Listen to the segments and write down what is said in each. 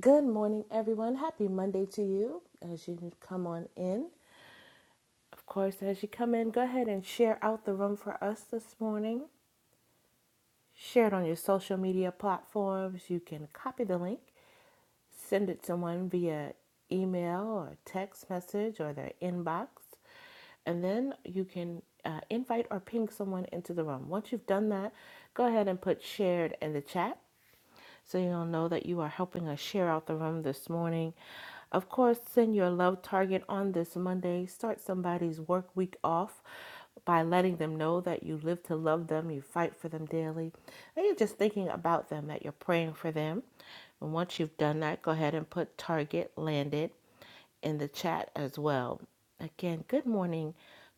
Good morning, everyone. Happy Monday to you as you come on in. Of course, as you come in, go ahead and share out the room for us this morning. Share it on your social media platforms. You can copy the link, send it to someone via email or text message or their inbox, and then you can uh, invite or ping someone into the room. Once you've done that, go ahead and put shared in the chat so you'll know that you are helping us share out the room this morning. Of course, send your love target on this Monday. Start somebody's work week off by letting them know that you live to love them, you fight for them daily, and you're just thinking about them, that you're praying for them. And once you've done that, go ahead and put target landed in the chat as well. Again, good morning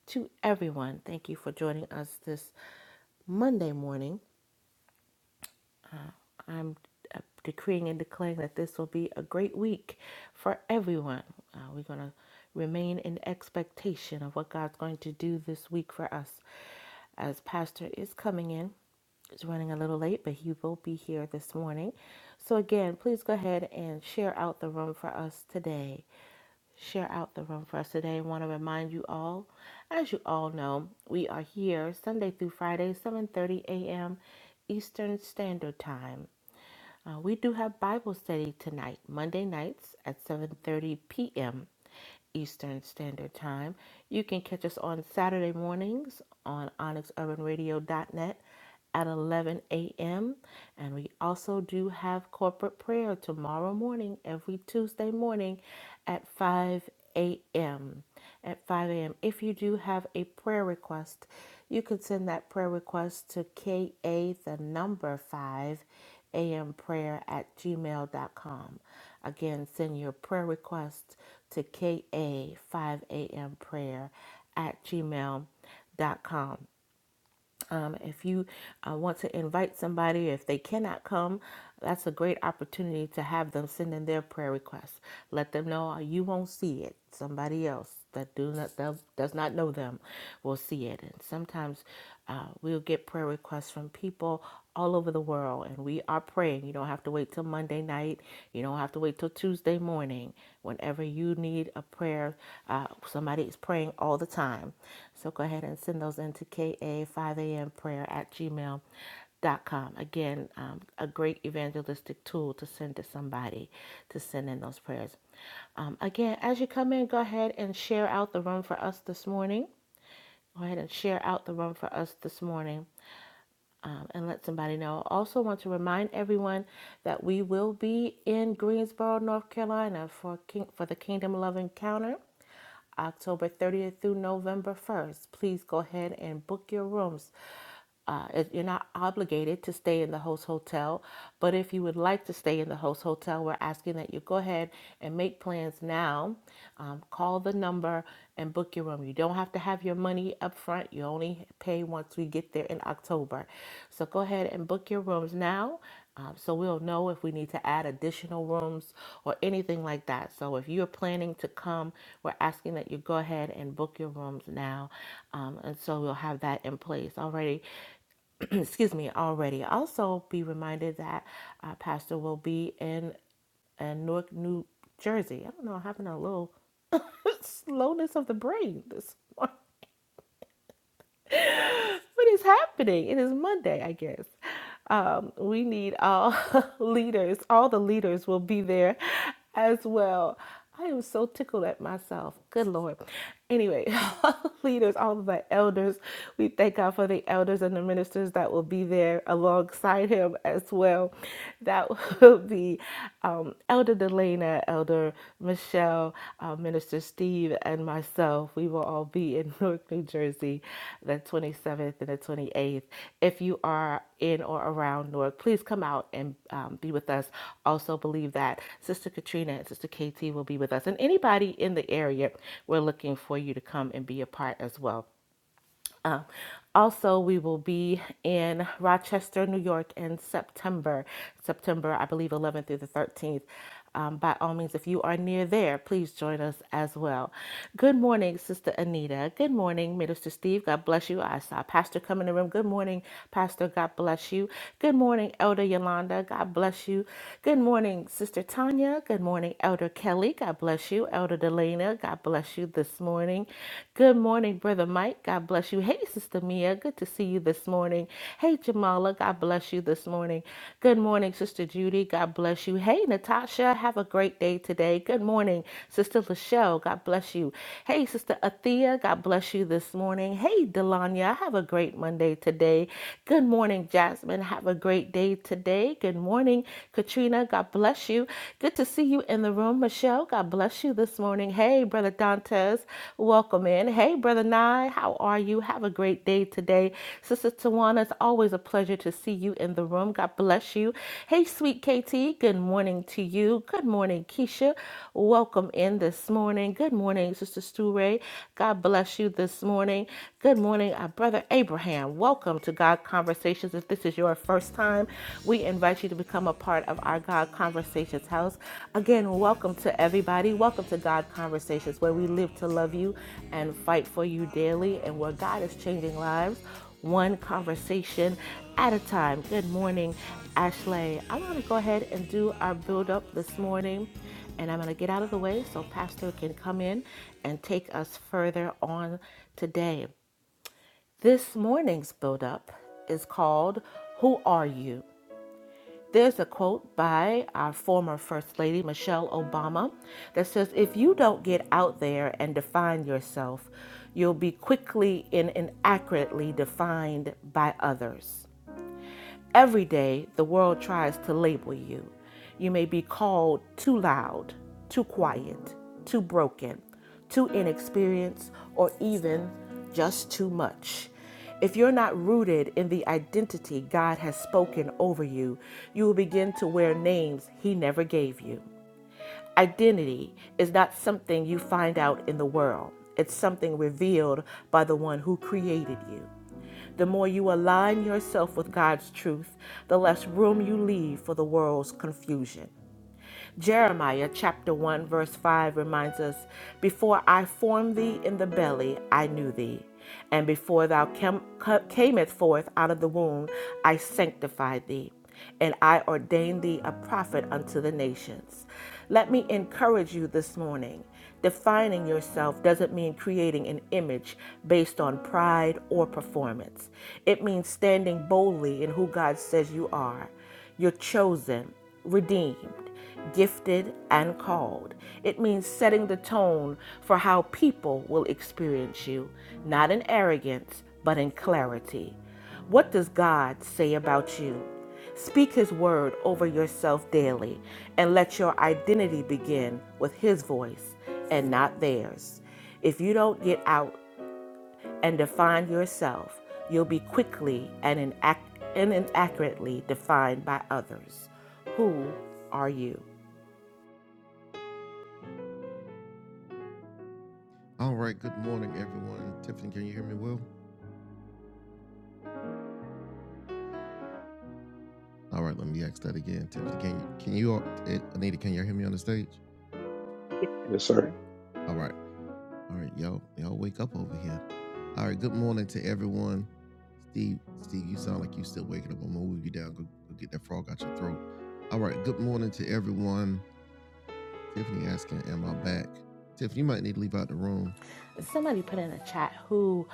to everyone. Thank you for joining us this Monday morning. I'm uh, decreeing and declaring that this will be a great week for everyone. Uh, we're going to remain in expectation of what God's going to do this week for us. As Pastor is coming in, he's running a little late, but he will be here this morning. So, again, please go ahead and share out the room for us today. Share out the room for us today. I want to remind you all, as you all know, we are here Sunday through Friday, 7:30 a.m. Eastern Standard Time. Uh, we do have Bible study tonight, Monday nights at 7:30 p.m. Eastern Standard Time. You can catch us on Saturday mornings on onyxurbanradio.net at 11 a.m. And we also do have corporate prayer tomorrow morning, every Tuesday morning at 5 a.m at 5 a.m. If you do have a prayer request, you can send that prayer request to ka the number 5 am prayer at gmail dot com. Again, send your prayer request to ka 5 am prayer at gmail dot com. Um, if you uh, want to invite somebody, if they cannot come, that's a great opportunity to have them send in their prayer requests. Let them know uh, you won't see it. Somebody else that do not that does not know them will see it. And sometimes uh, we'll get prayer requests from people all over the world. And we are praying. You don't have to wait till Monday night. You don't have to wait till Tuesday morning. Whenever you need a prayer, uh, somebody is praying all the time. So go ahead and send those into ka 5 a.m. prayer at gmail. Dot com. Again, um, a great evangelistic tool to send to somebody to send in those prayers. Um, again, as you come in, go ahead and share out the room for us this morning. Go ahead and share out the room for us this morning um, and let somebody know. I also want to remind everyone that we will be in Greensboro, North Carolina for King, for the Kingdom Love Encounter. October 30th through November 1st. Please go ahead and book your rooms. Uh, you're not obligated to stay in the host hotel, but if you would like to stay in the host hotel, we're asking that you go ahead and make plans now. Um, call the number and book your room. You don't have to have your money up front. You only pay once we get there in October. So go ahead and book your rooms now um, so we'll know if we need to add additional rooms or anything like that. So if you're planning to come, we're asking that you go ahead and book your rooms now. Um, and so we'll have that in place already. excuse me, already. Also, be reminded that uh, Pastor will be in, in Newark, New Jersey. I don't know, I'm having a little slowness of the brain this morning What is happening? It is Monday, I guess. Um, we need all leaders. All the leaders will be there as well. I am so tickled at myself. Good Lord. Anyway, all the leaders, all of the elders, we thank God for the elders and the ministers that will be there alongside him as well. That will be um, um, Elder Delana, Elder Michelle, uh, Minister Steve, and myself, we will all be in Newark, New Jersey, the 27th and the 28th. If you are in or around Newark, please come out and um, be with us. Also, believe that Sister Katrina and Sister KT will be with us, and anybody in the area, we're looking for you to come and be a part as well. Um, also, we will be in Rochester, New York in September, September, I believe, 11th through the 13th. Um, by all means, if you are near there, please join us as well. Good morning, Sister Anita. Good morning, Minister Steve. God bless you. I saw Pastor come in the room. Good morning, Pastor. God bless you. Good morning, Elder Yolanda. God bless you. Good morning, Sister Tanya. Good morning, Elder Kelly. God bless you. Elder Delana. God God bless you this morning. Good morning, Brother Mike. God bless you. Hey, Sister Mia. Good to see you this morning. Hey, Jamala. God bless you this morning. Good morning, Sister Judy. God bless you. Hey, Natasha. Have a great day today. Good morning, Sister Lachelle. God bless you. Hey, Sister Athea. God bless you this morning. Hey, Delanya. Have a great Monday today. Good morning, Jasmine. Have a great day today. Good morning, Katrina. God bless you you. Good to see you in the room, Michelle. God bless you this morning. Hey, Brother Dantes, welcome in. Hey, Brother Nye, how are you? Have a great day today. Sister Tawana, it's always a pleasure to see you in the room. God bless you. Hey, sweet KT, good morning to you. Good morning, Keisha. Welcome in this morning. Good morning, Sister Stu Ray. God bless you this morning. Good morning, our Brother Abraham. Welcome to God Conversations. If this is is your first time, we invite you to become a part of our God Conversations house. Again, welcome to everybody. Welcome to God Conversations, where we live to love you and fight for you daily, and where God is changing lives one conversation at a time. Good morning, Ashley. I'm going to go ahead and do our build up this morning, and I'm going to get out of the way so Pastor can come in and take us further on today. This morning's build-up is called Who Are You? There's a quote by our former First Lady, Michelle Obama, that says, If you don't get out there and define yourself, you'll be quickly and inaccurately defined by others. Every day, the world tries to label you. You may be called too loud, too quiet, too broken, too inexperienced, or even just too much. If you're not rooted in the identity God has spoken over you, you will begin to wear names He never gave you. Identity is not something you find out in the world, it's something revealed by the one who created you. The more you align yourself with God's truth, the less room you leave for the world's confusion. Jeremiah chapter 1 verse 5 reminds us, "Before I formed thee in the belly, I knew thee, and before thou cam- ca- camest forth out of the womb, I sanctified thee." and I ordained thee a prophet unto the nations. Let me encourage you this morning. Defining yourself doesn't mean creating an image based on pride or performance, it means standing boldly in who God says you are. You're chosen, redeemed, gifted, and called. It means setting the tone for how people will experience you, not in arrogance, but in clarity. What does God say about you? Speak His word over yourself daily and let your identity begin with His voice and not theirs. If you don't get out and define yourself, you'll be quickly and, inac- and inaccurately defined by others. Who are you? Yes, Yes, sir. sir. Somebody put in a chat who,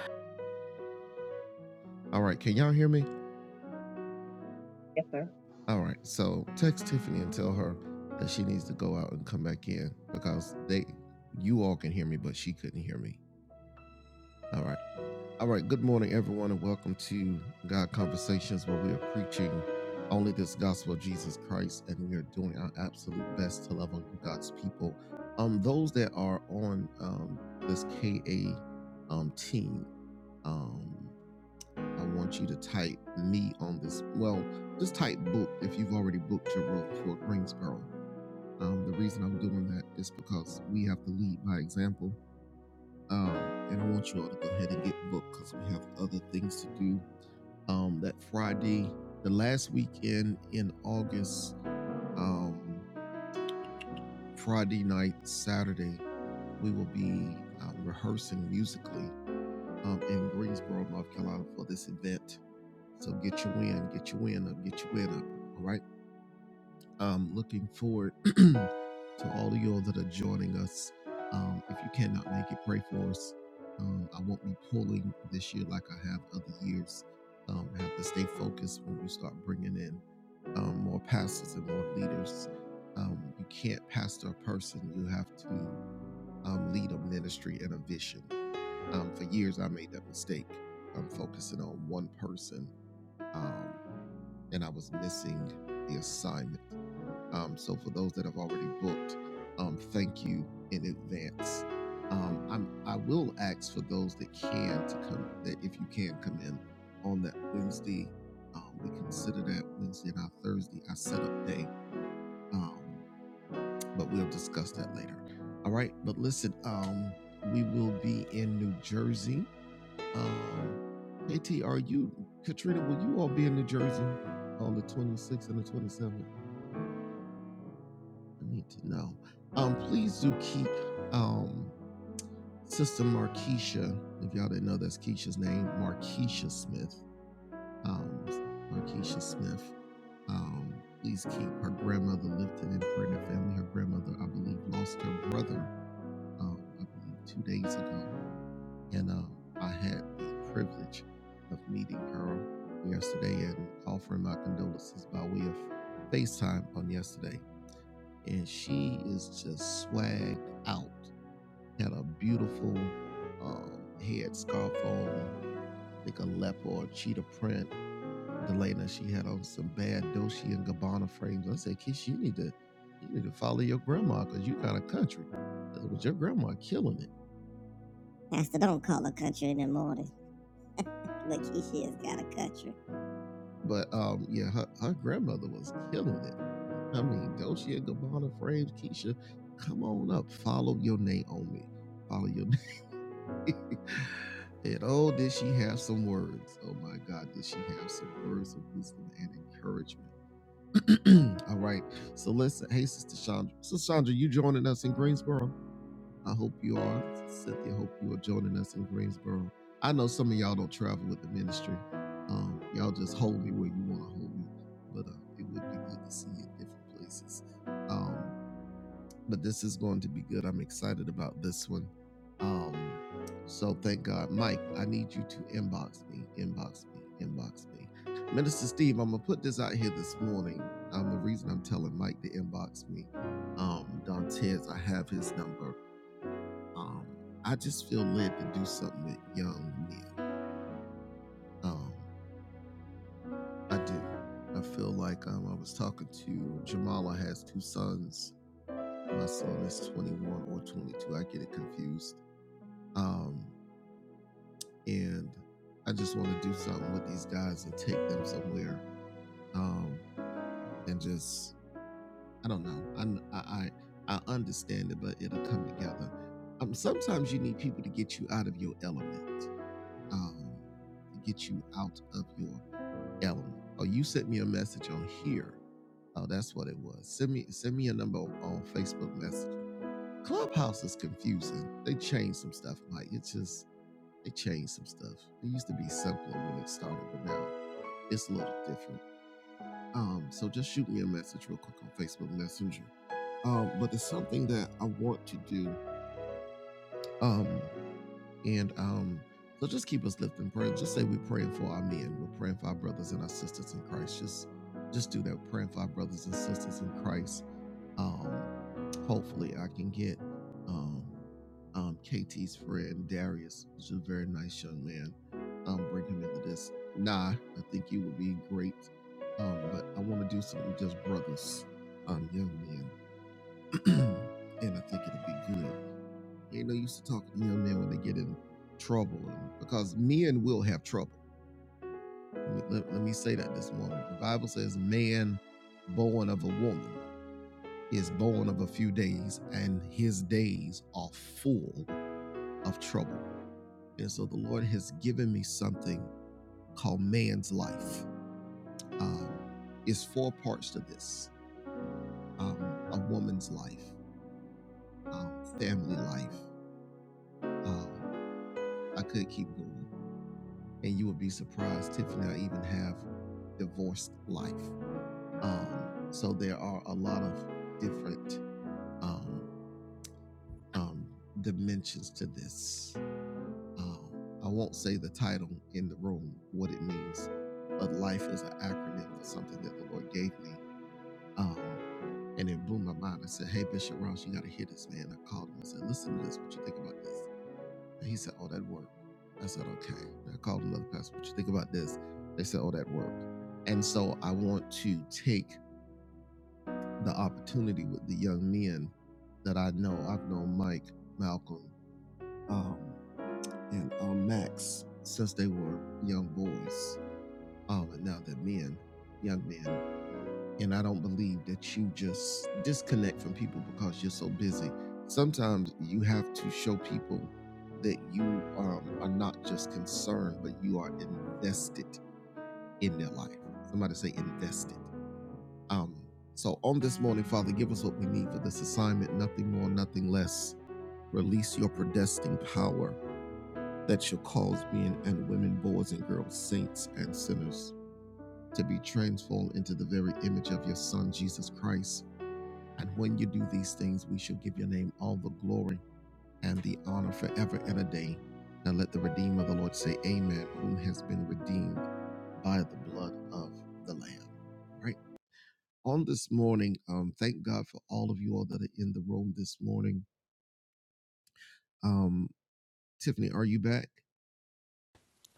Yes, sir.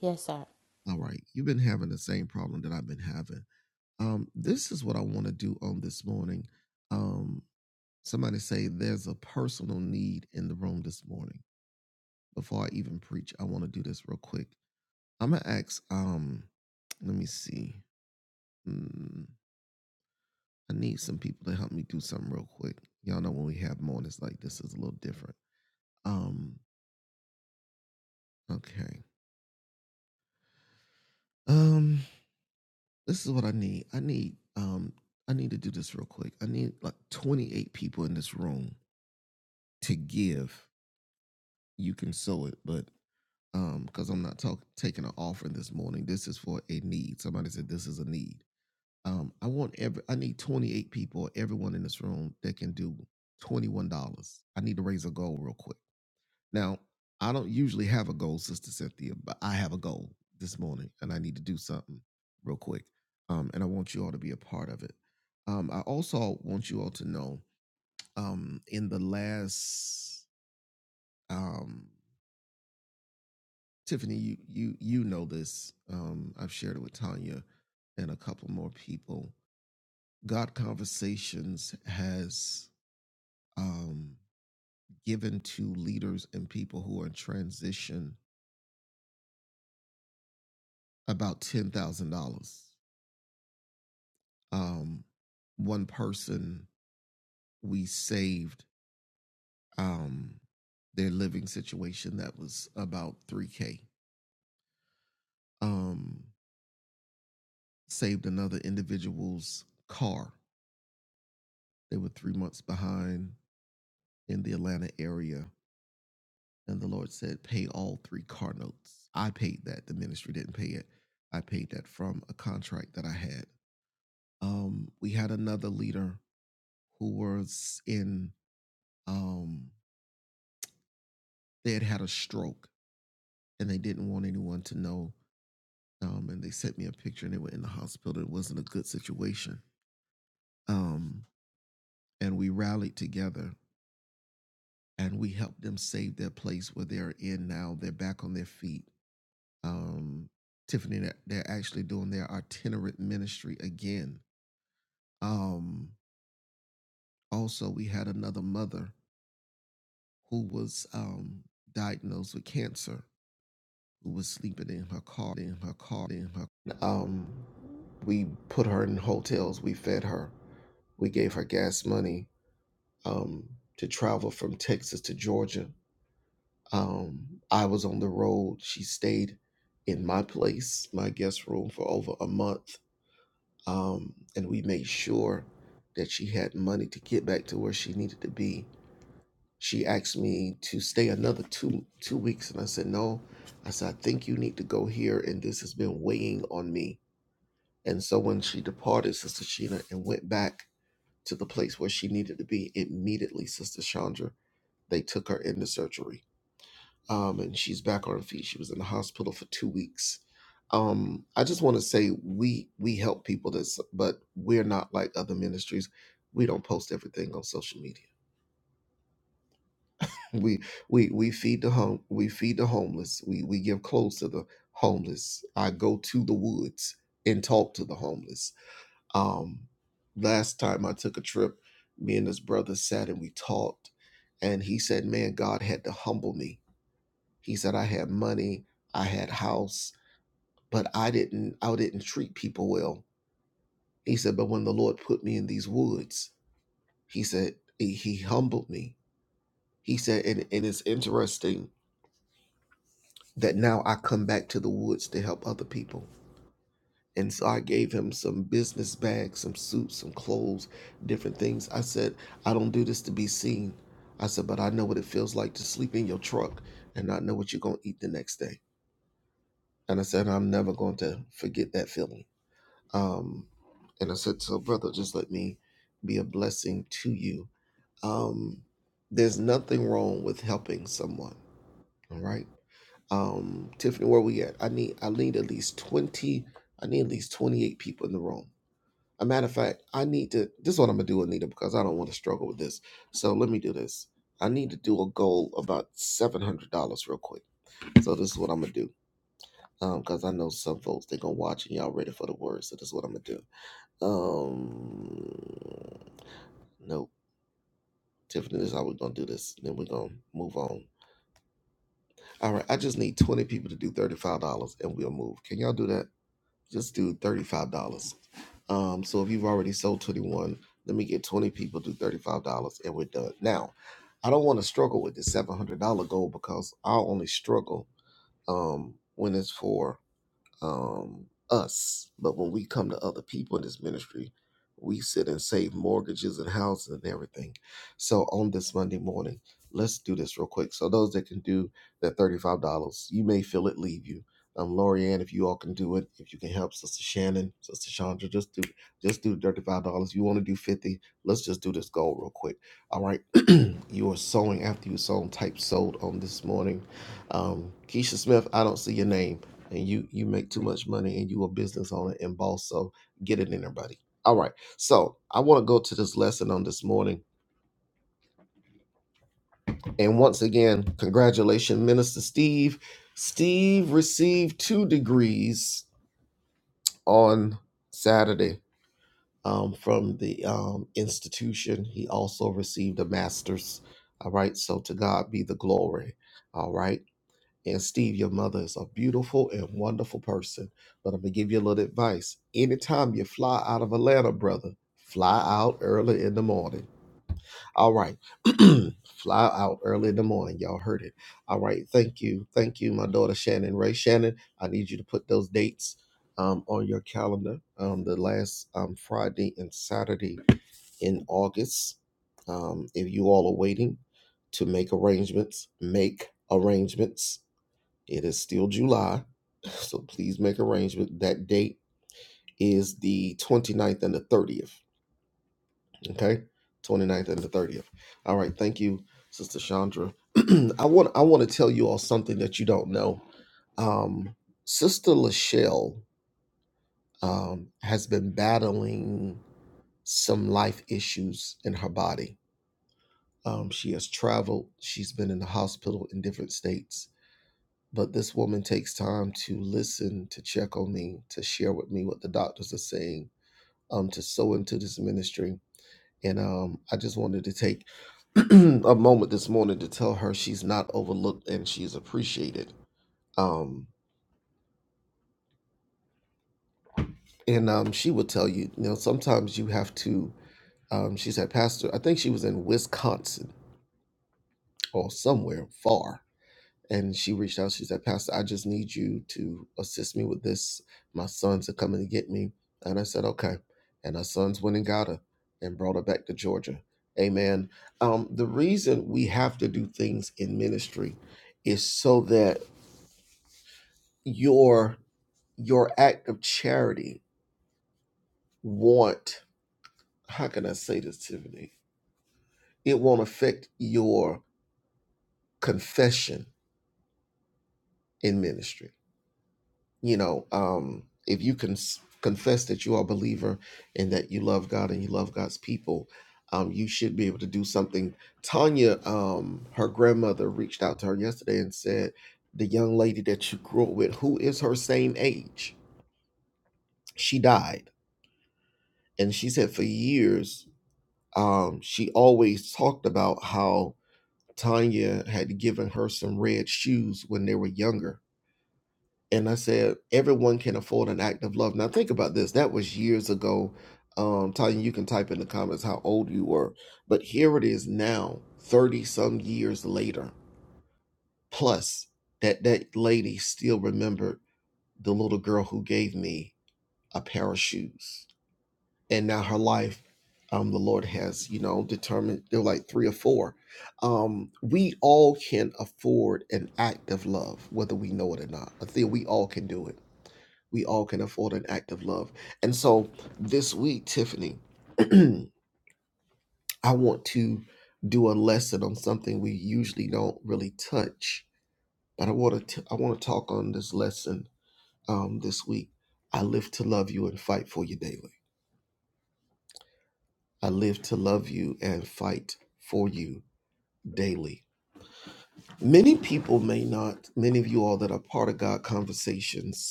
yes, sir.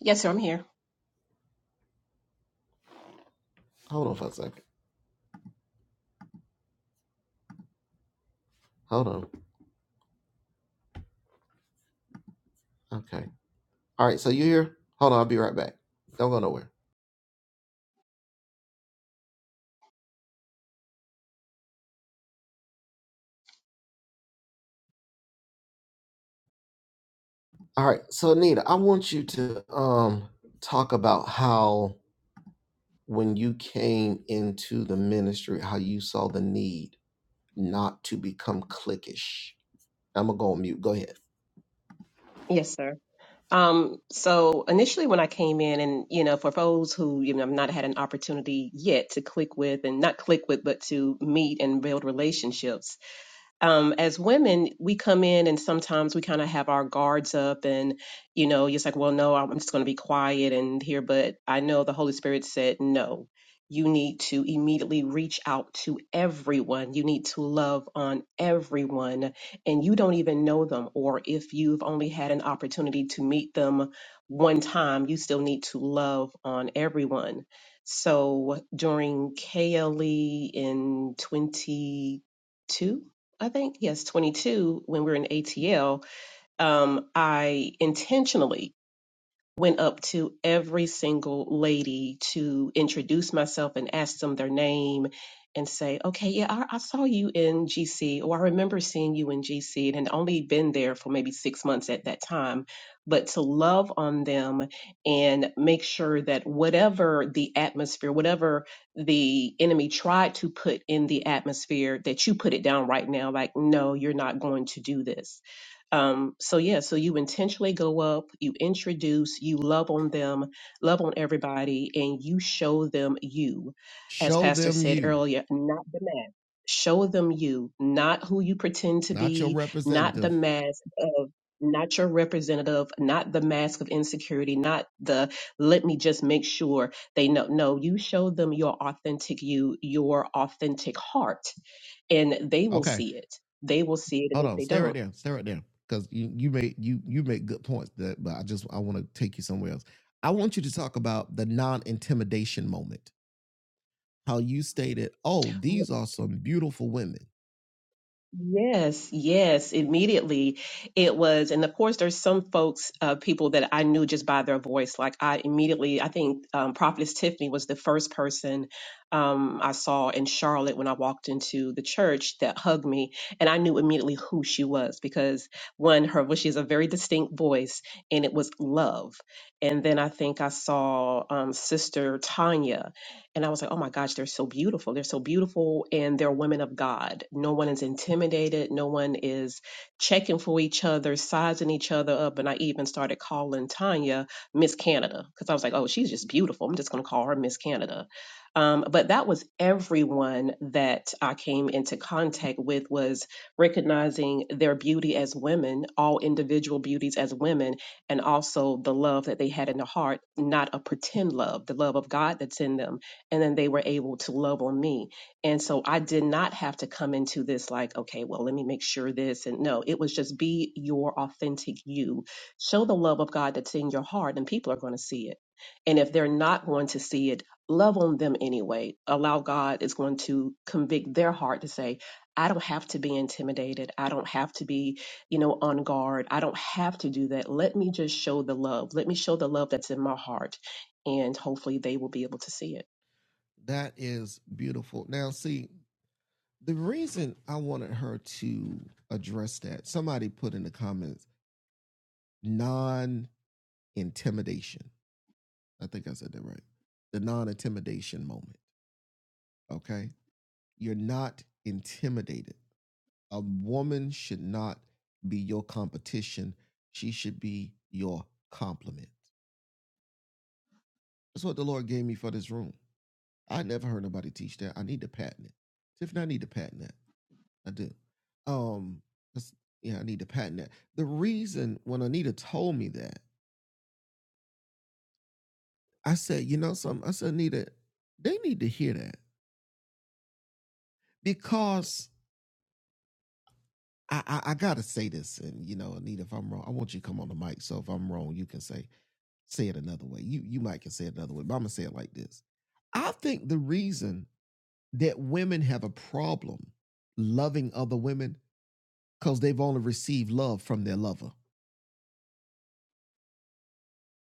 Yes, sir, I'm here. Yes, sir. Um, so initially when I came in and, you know, for those who, you know, have not had an opportunity yet to click with and not click with, but to meet and build relationships, um, as women, we come in and sometimes we kind of have our guards up, and you know, it's like, well, no, I'm just going to be quiet and here. But I know the Holy Spirit said, no, you need to immediately reach out to everyone. You need to love on everyone, and you don't even know them, or if you've only had an opportunity to meet them one time, you still need to love on everyone. So during KLE in 22. I think yes, 22 when we were in ATL, um, I intentionally went up to every single lady to introduce myself and ask them their name and say, okay, yeah, I, I saw you in GC, or I remember seeing you in GC and had only been there for maybe six months at that time. But to love on them and make sure that whatever the atmosphere, whatever the enemy tried to put in the atmosphere, that you put it down right now, like, no, you're not going to do this um, so yeah, so you intentionally go up, you introduce, you love on them, love on everybody, and you show them you, as Pastor said earlier, not the mask. Show them you, not who you pretend to be, not the mask of, not your representative, not the mask of insecurity, not the let me just make sure they know. No, you show them your authentic you, your authentic heart, and they will see it. They will see it, and if they don't. Yes, yes, immediately it was. And of course, there's some folks, uh, people that I knew just by their voice. Like I immediately, I think um, Prophetess Tiffany was the first person um, I saw in Charlotte when I walked into the church that hugged me. And I knew immediately who she was because one, her voice, she has a very distinct voice and it was love. And then I think I saw um, Sister Tanya. And I was like, oh my gosh, they're so beautiful. They're so beautiful and they're women of God. No one is intimidated. No one is checking for each other, sizing each other up. And I even started calling Tanya Miss Canada because I was like, oh, she's just beautiful. I'm just going to call her Miss Canada. Um, but that was everyone that I came into contact with was recognizing their beauty as women, all individual beauties as women, and also the love that they had in the heart, not a pretend love, the love of God that's in them and then they were able to love on me. And so I did not have to come into this like, okay, well, let me make sure this. And no, it was just be your authentic you. Show the love of God that's in your heart, and people are going to see it. And if they're not going to see it, love on them anyway. Allow God is going to convict their heart to say, I don't have to be intimidated. I don't have to be, you know, on guard. I don't have to do that. Let me just show the love. Let me show the love that's in my heart. And hopefully they will be able to see it.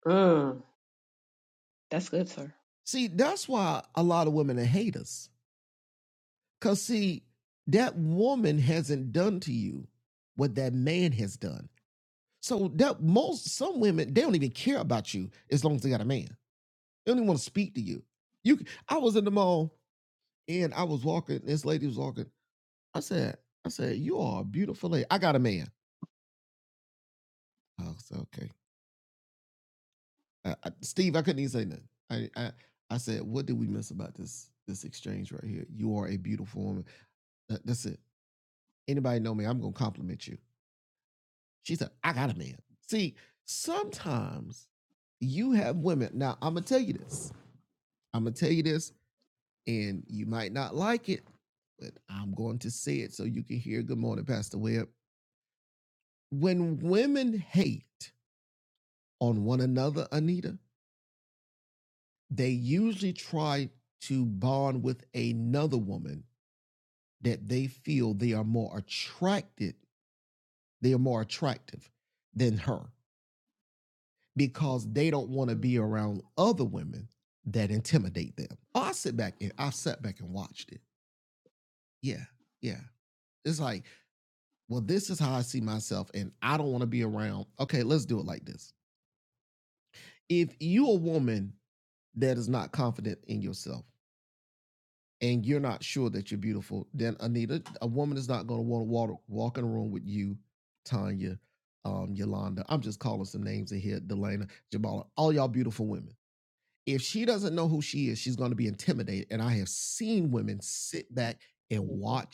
Mm, that's good, sir. Mm. Mhm.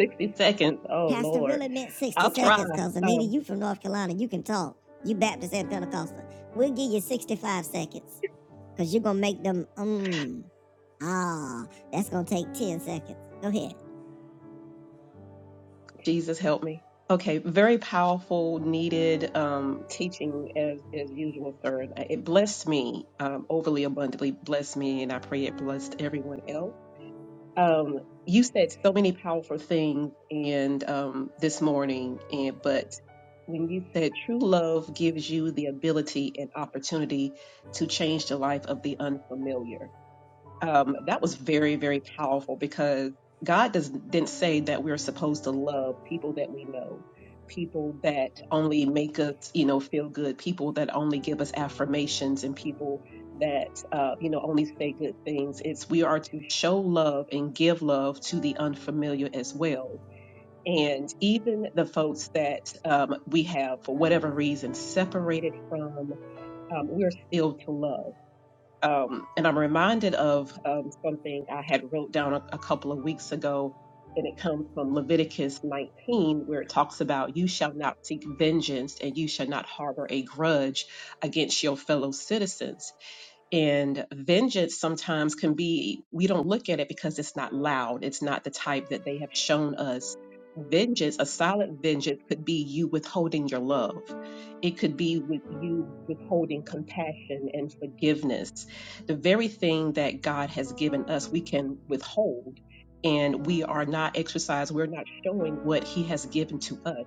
60 seconds. Oh, Lord. I'll try. Um, Jesus, help me. Okay, very powerful, needed um, teaching as as usual, sir. It blessed me um, overly abundantly, blessed me, and I pray it blessed everyone else. Um, you said so many powerful things and um, this morning, and but when you said true love gives you the ability and opportunity to change the life of the unfamiliar um, that was very very powerful because god does didn't say that we're supposed to love people that we know people that only make us you know feel good people that only give us affirmations and people that uh, you know only say good things it's we are to show love and give love to the unfamiliar as well and even the folks that um, we have for whatever reason separated from um, we're still to love um, and I'm reminded of um, something I had wrote down a, a couple of weeks ago, and it comes from Leviticus 19, where it talks about you shall not seek vengeance and you shall not harbor a grudge against your fellow citizens and vengeance sometimes can be, we don't look at it because it's not loud. It's not the type that they have shown us. Vengeance, a solid vengeance, could be you withholding your love. It could be with you withholding compassion and forgiveness. The very thing that God has given us, we can withhold, and we are not exercised, we're not showing what He has given to us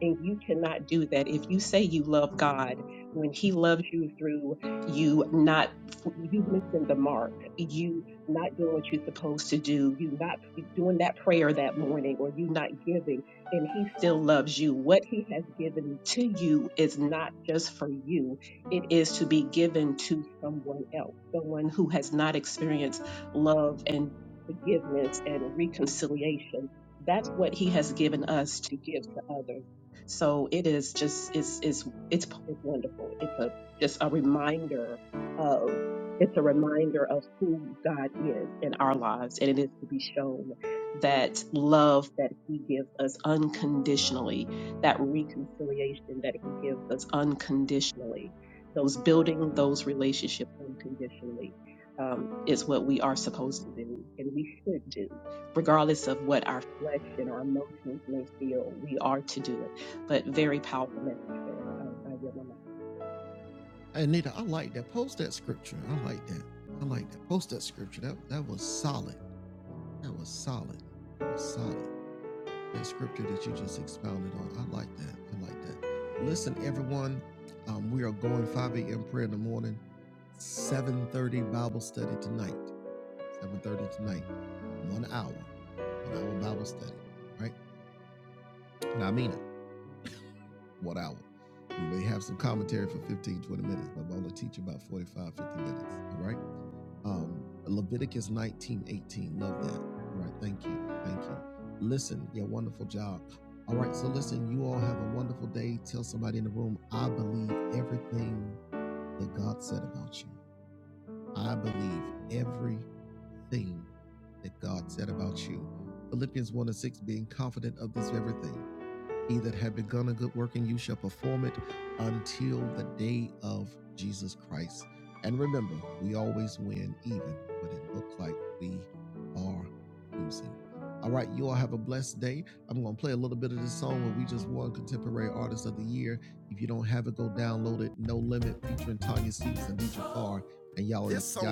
and you cannot do that. If you say you love God, when He loves you through you not, you missing the mark, you not doing what you're supposed to do, you not doing that prayer that morning, or you not giving, and He still loves you. What He has given to you is not just for you, it is to be given to someone else, someone who has not experienced love and forgiveness and reconciliation. That's what He has given us to give to others. So it is just it's it's it's, it's wonderful. It's a just a reminder of it's a reminder of who God is in our lives, and it is to be shown that love that He gives us unconditionally, that reconciliation that He gives us unconditionally, those building those relationships unconditionally um, is what we are supposed to do, and we should do regardless of what our flesh and our emotions may feel, we are to do it but very powerful message there. Um, I yield my mic.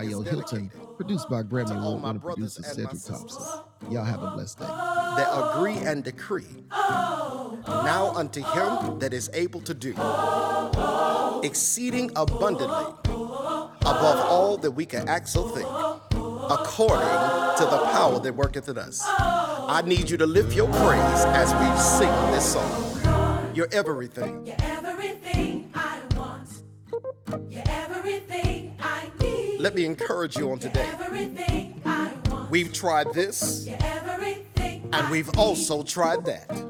is to all my that agree and decree now unto him that is able to do exceeding abundantly above all that we can act or think according to the power that worketh in us I You're everything I want. You're everything I need. let me You're today You're everything I want. we You're everything. and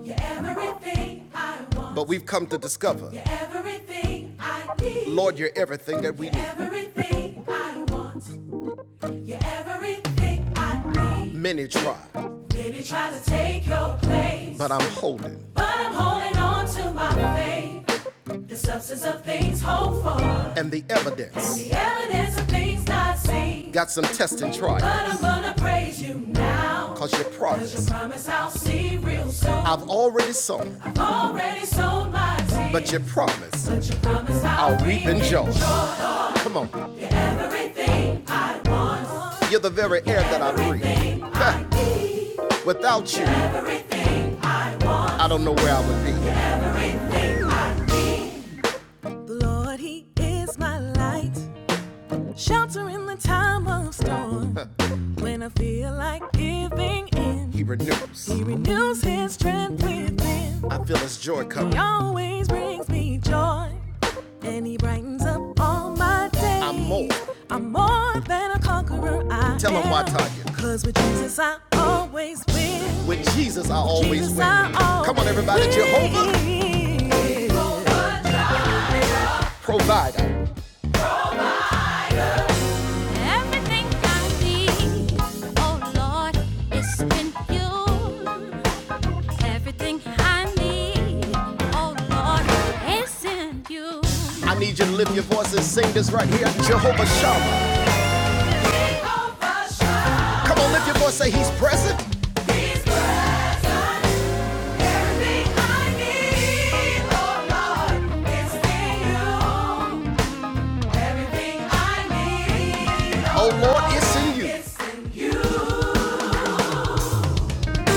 You're everything I want. but we Everything I need. Lord, we need. Everything I want. You're everything I need. Many try, Maybe try to take your place. but I'm holding. But I'm holding on to my faith. The substance of things hoped for, and the evidence. and the evidence of things not seen. Got some test and try, But I'm gonna praise you now. cause you promised, Cause you promise I'll see real soon. I've already sown, I've already sown, my tears. but you promised But you promise I'll, I'll reap and joy. Come on, every, you're you, I be. The Lord, He is my light, shelter in the time of storm. When I feel like giving in, He renews. He renews his strength within. Uh, He always brings me joy, and he brightens up all my days. I'm more. I'm more than a conqueror. I Tell 'em why, Tanya. Cause with Jesus I always win. With Jesus, I always Jesus, win. I always Come on, everybody. win. Jehovah, provider. Everything I need, oh Lord, is in you. Everything I need, oh Lord, is in you. I need you to lift your voice and sing this right here, Jehovah Shammah. Come on, lift your voice, say he's present. Everything I need, oh Lord, is in you. Everything I need, Oh oh Lord, it's in you.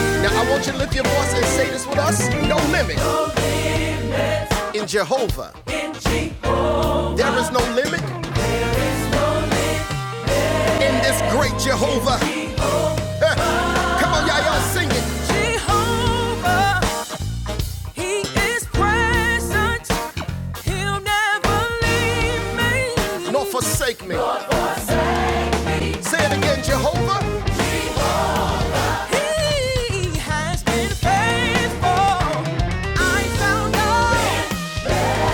Now I want you to lift your voice and say this with us. No limit in Jehovah. There is no limit in this great Jehovah. Come on, y'all, y'all sing it. Jehovah, He is present. He'll never leave me. nor forsake me. Say it again, Jehovah. He has been faithful. I found out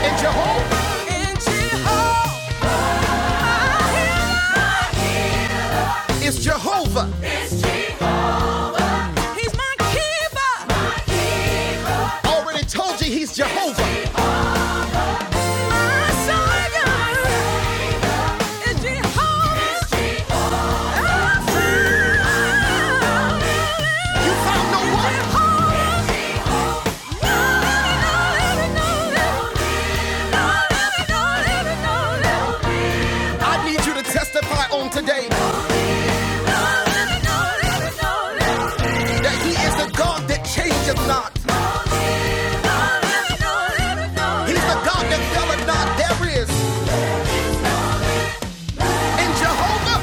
In Jehovah in Jehovah. is Jehovah. He's my keeper. My keeper. Jehovah. Need you to testify on today that He is the God that changes not. He's the God that fell not. There is in Jehovah.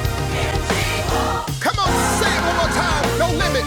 Come on, say it one more time. No limit.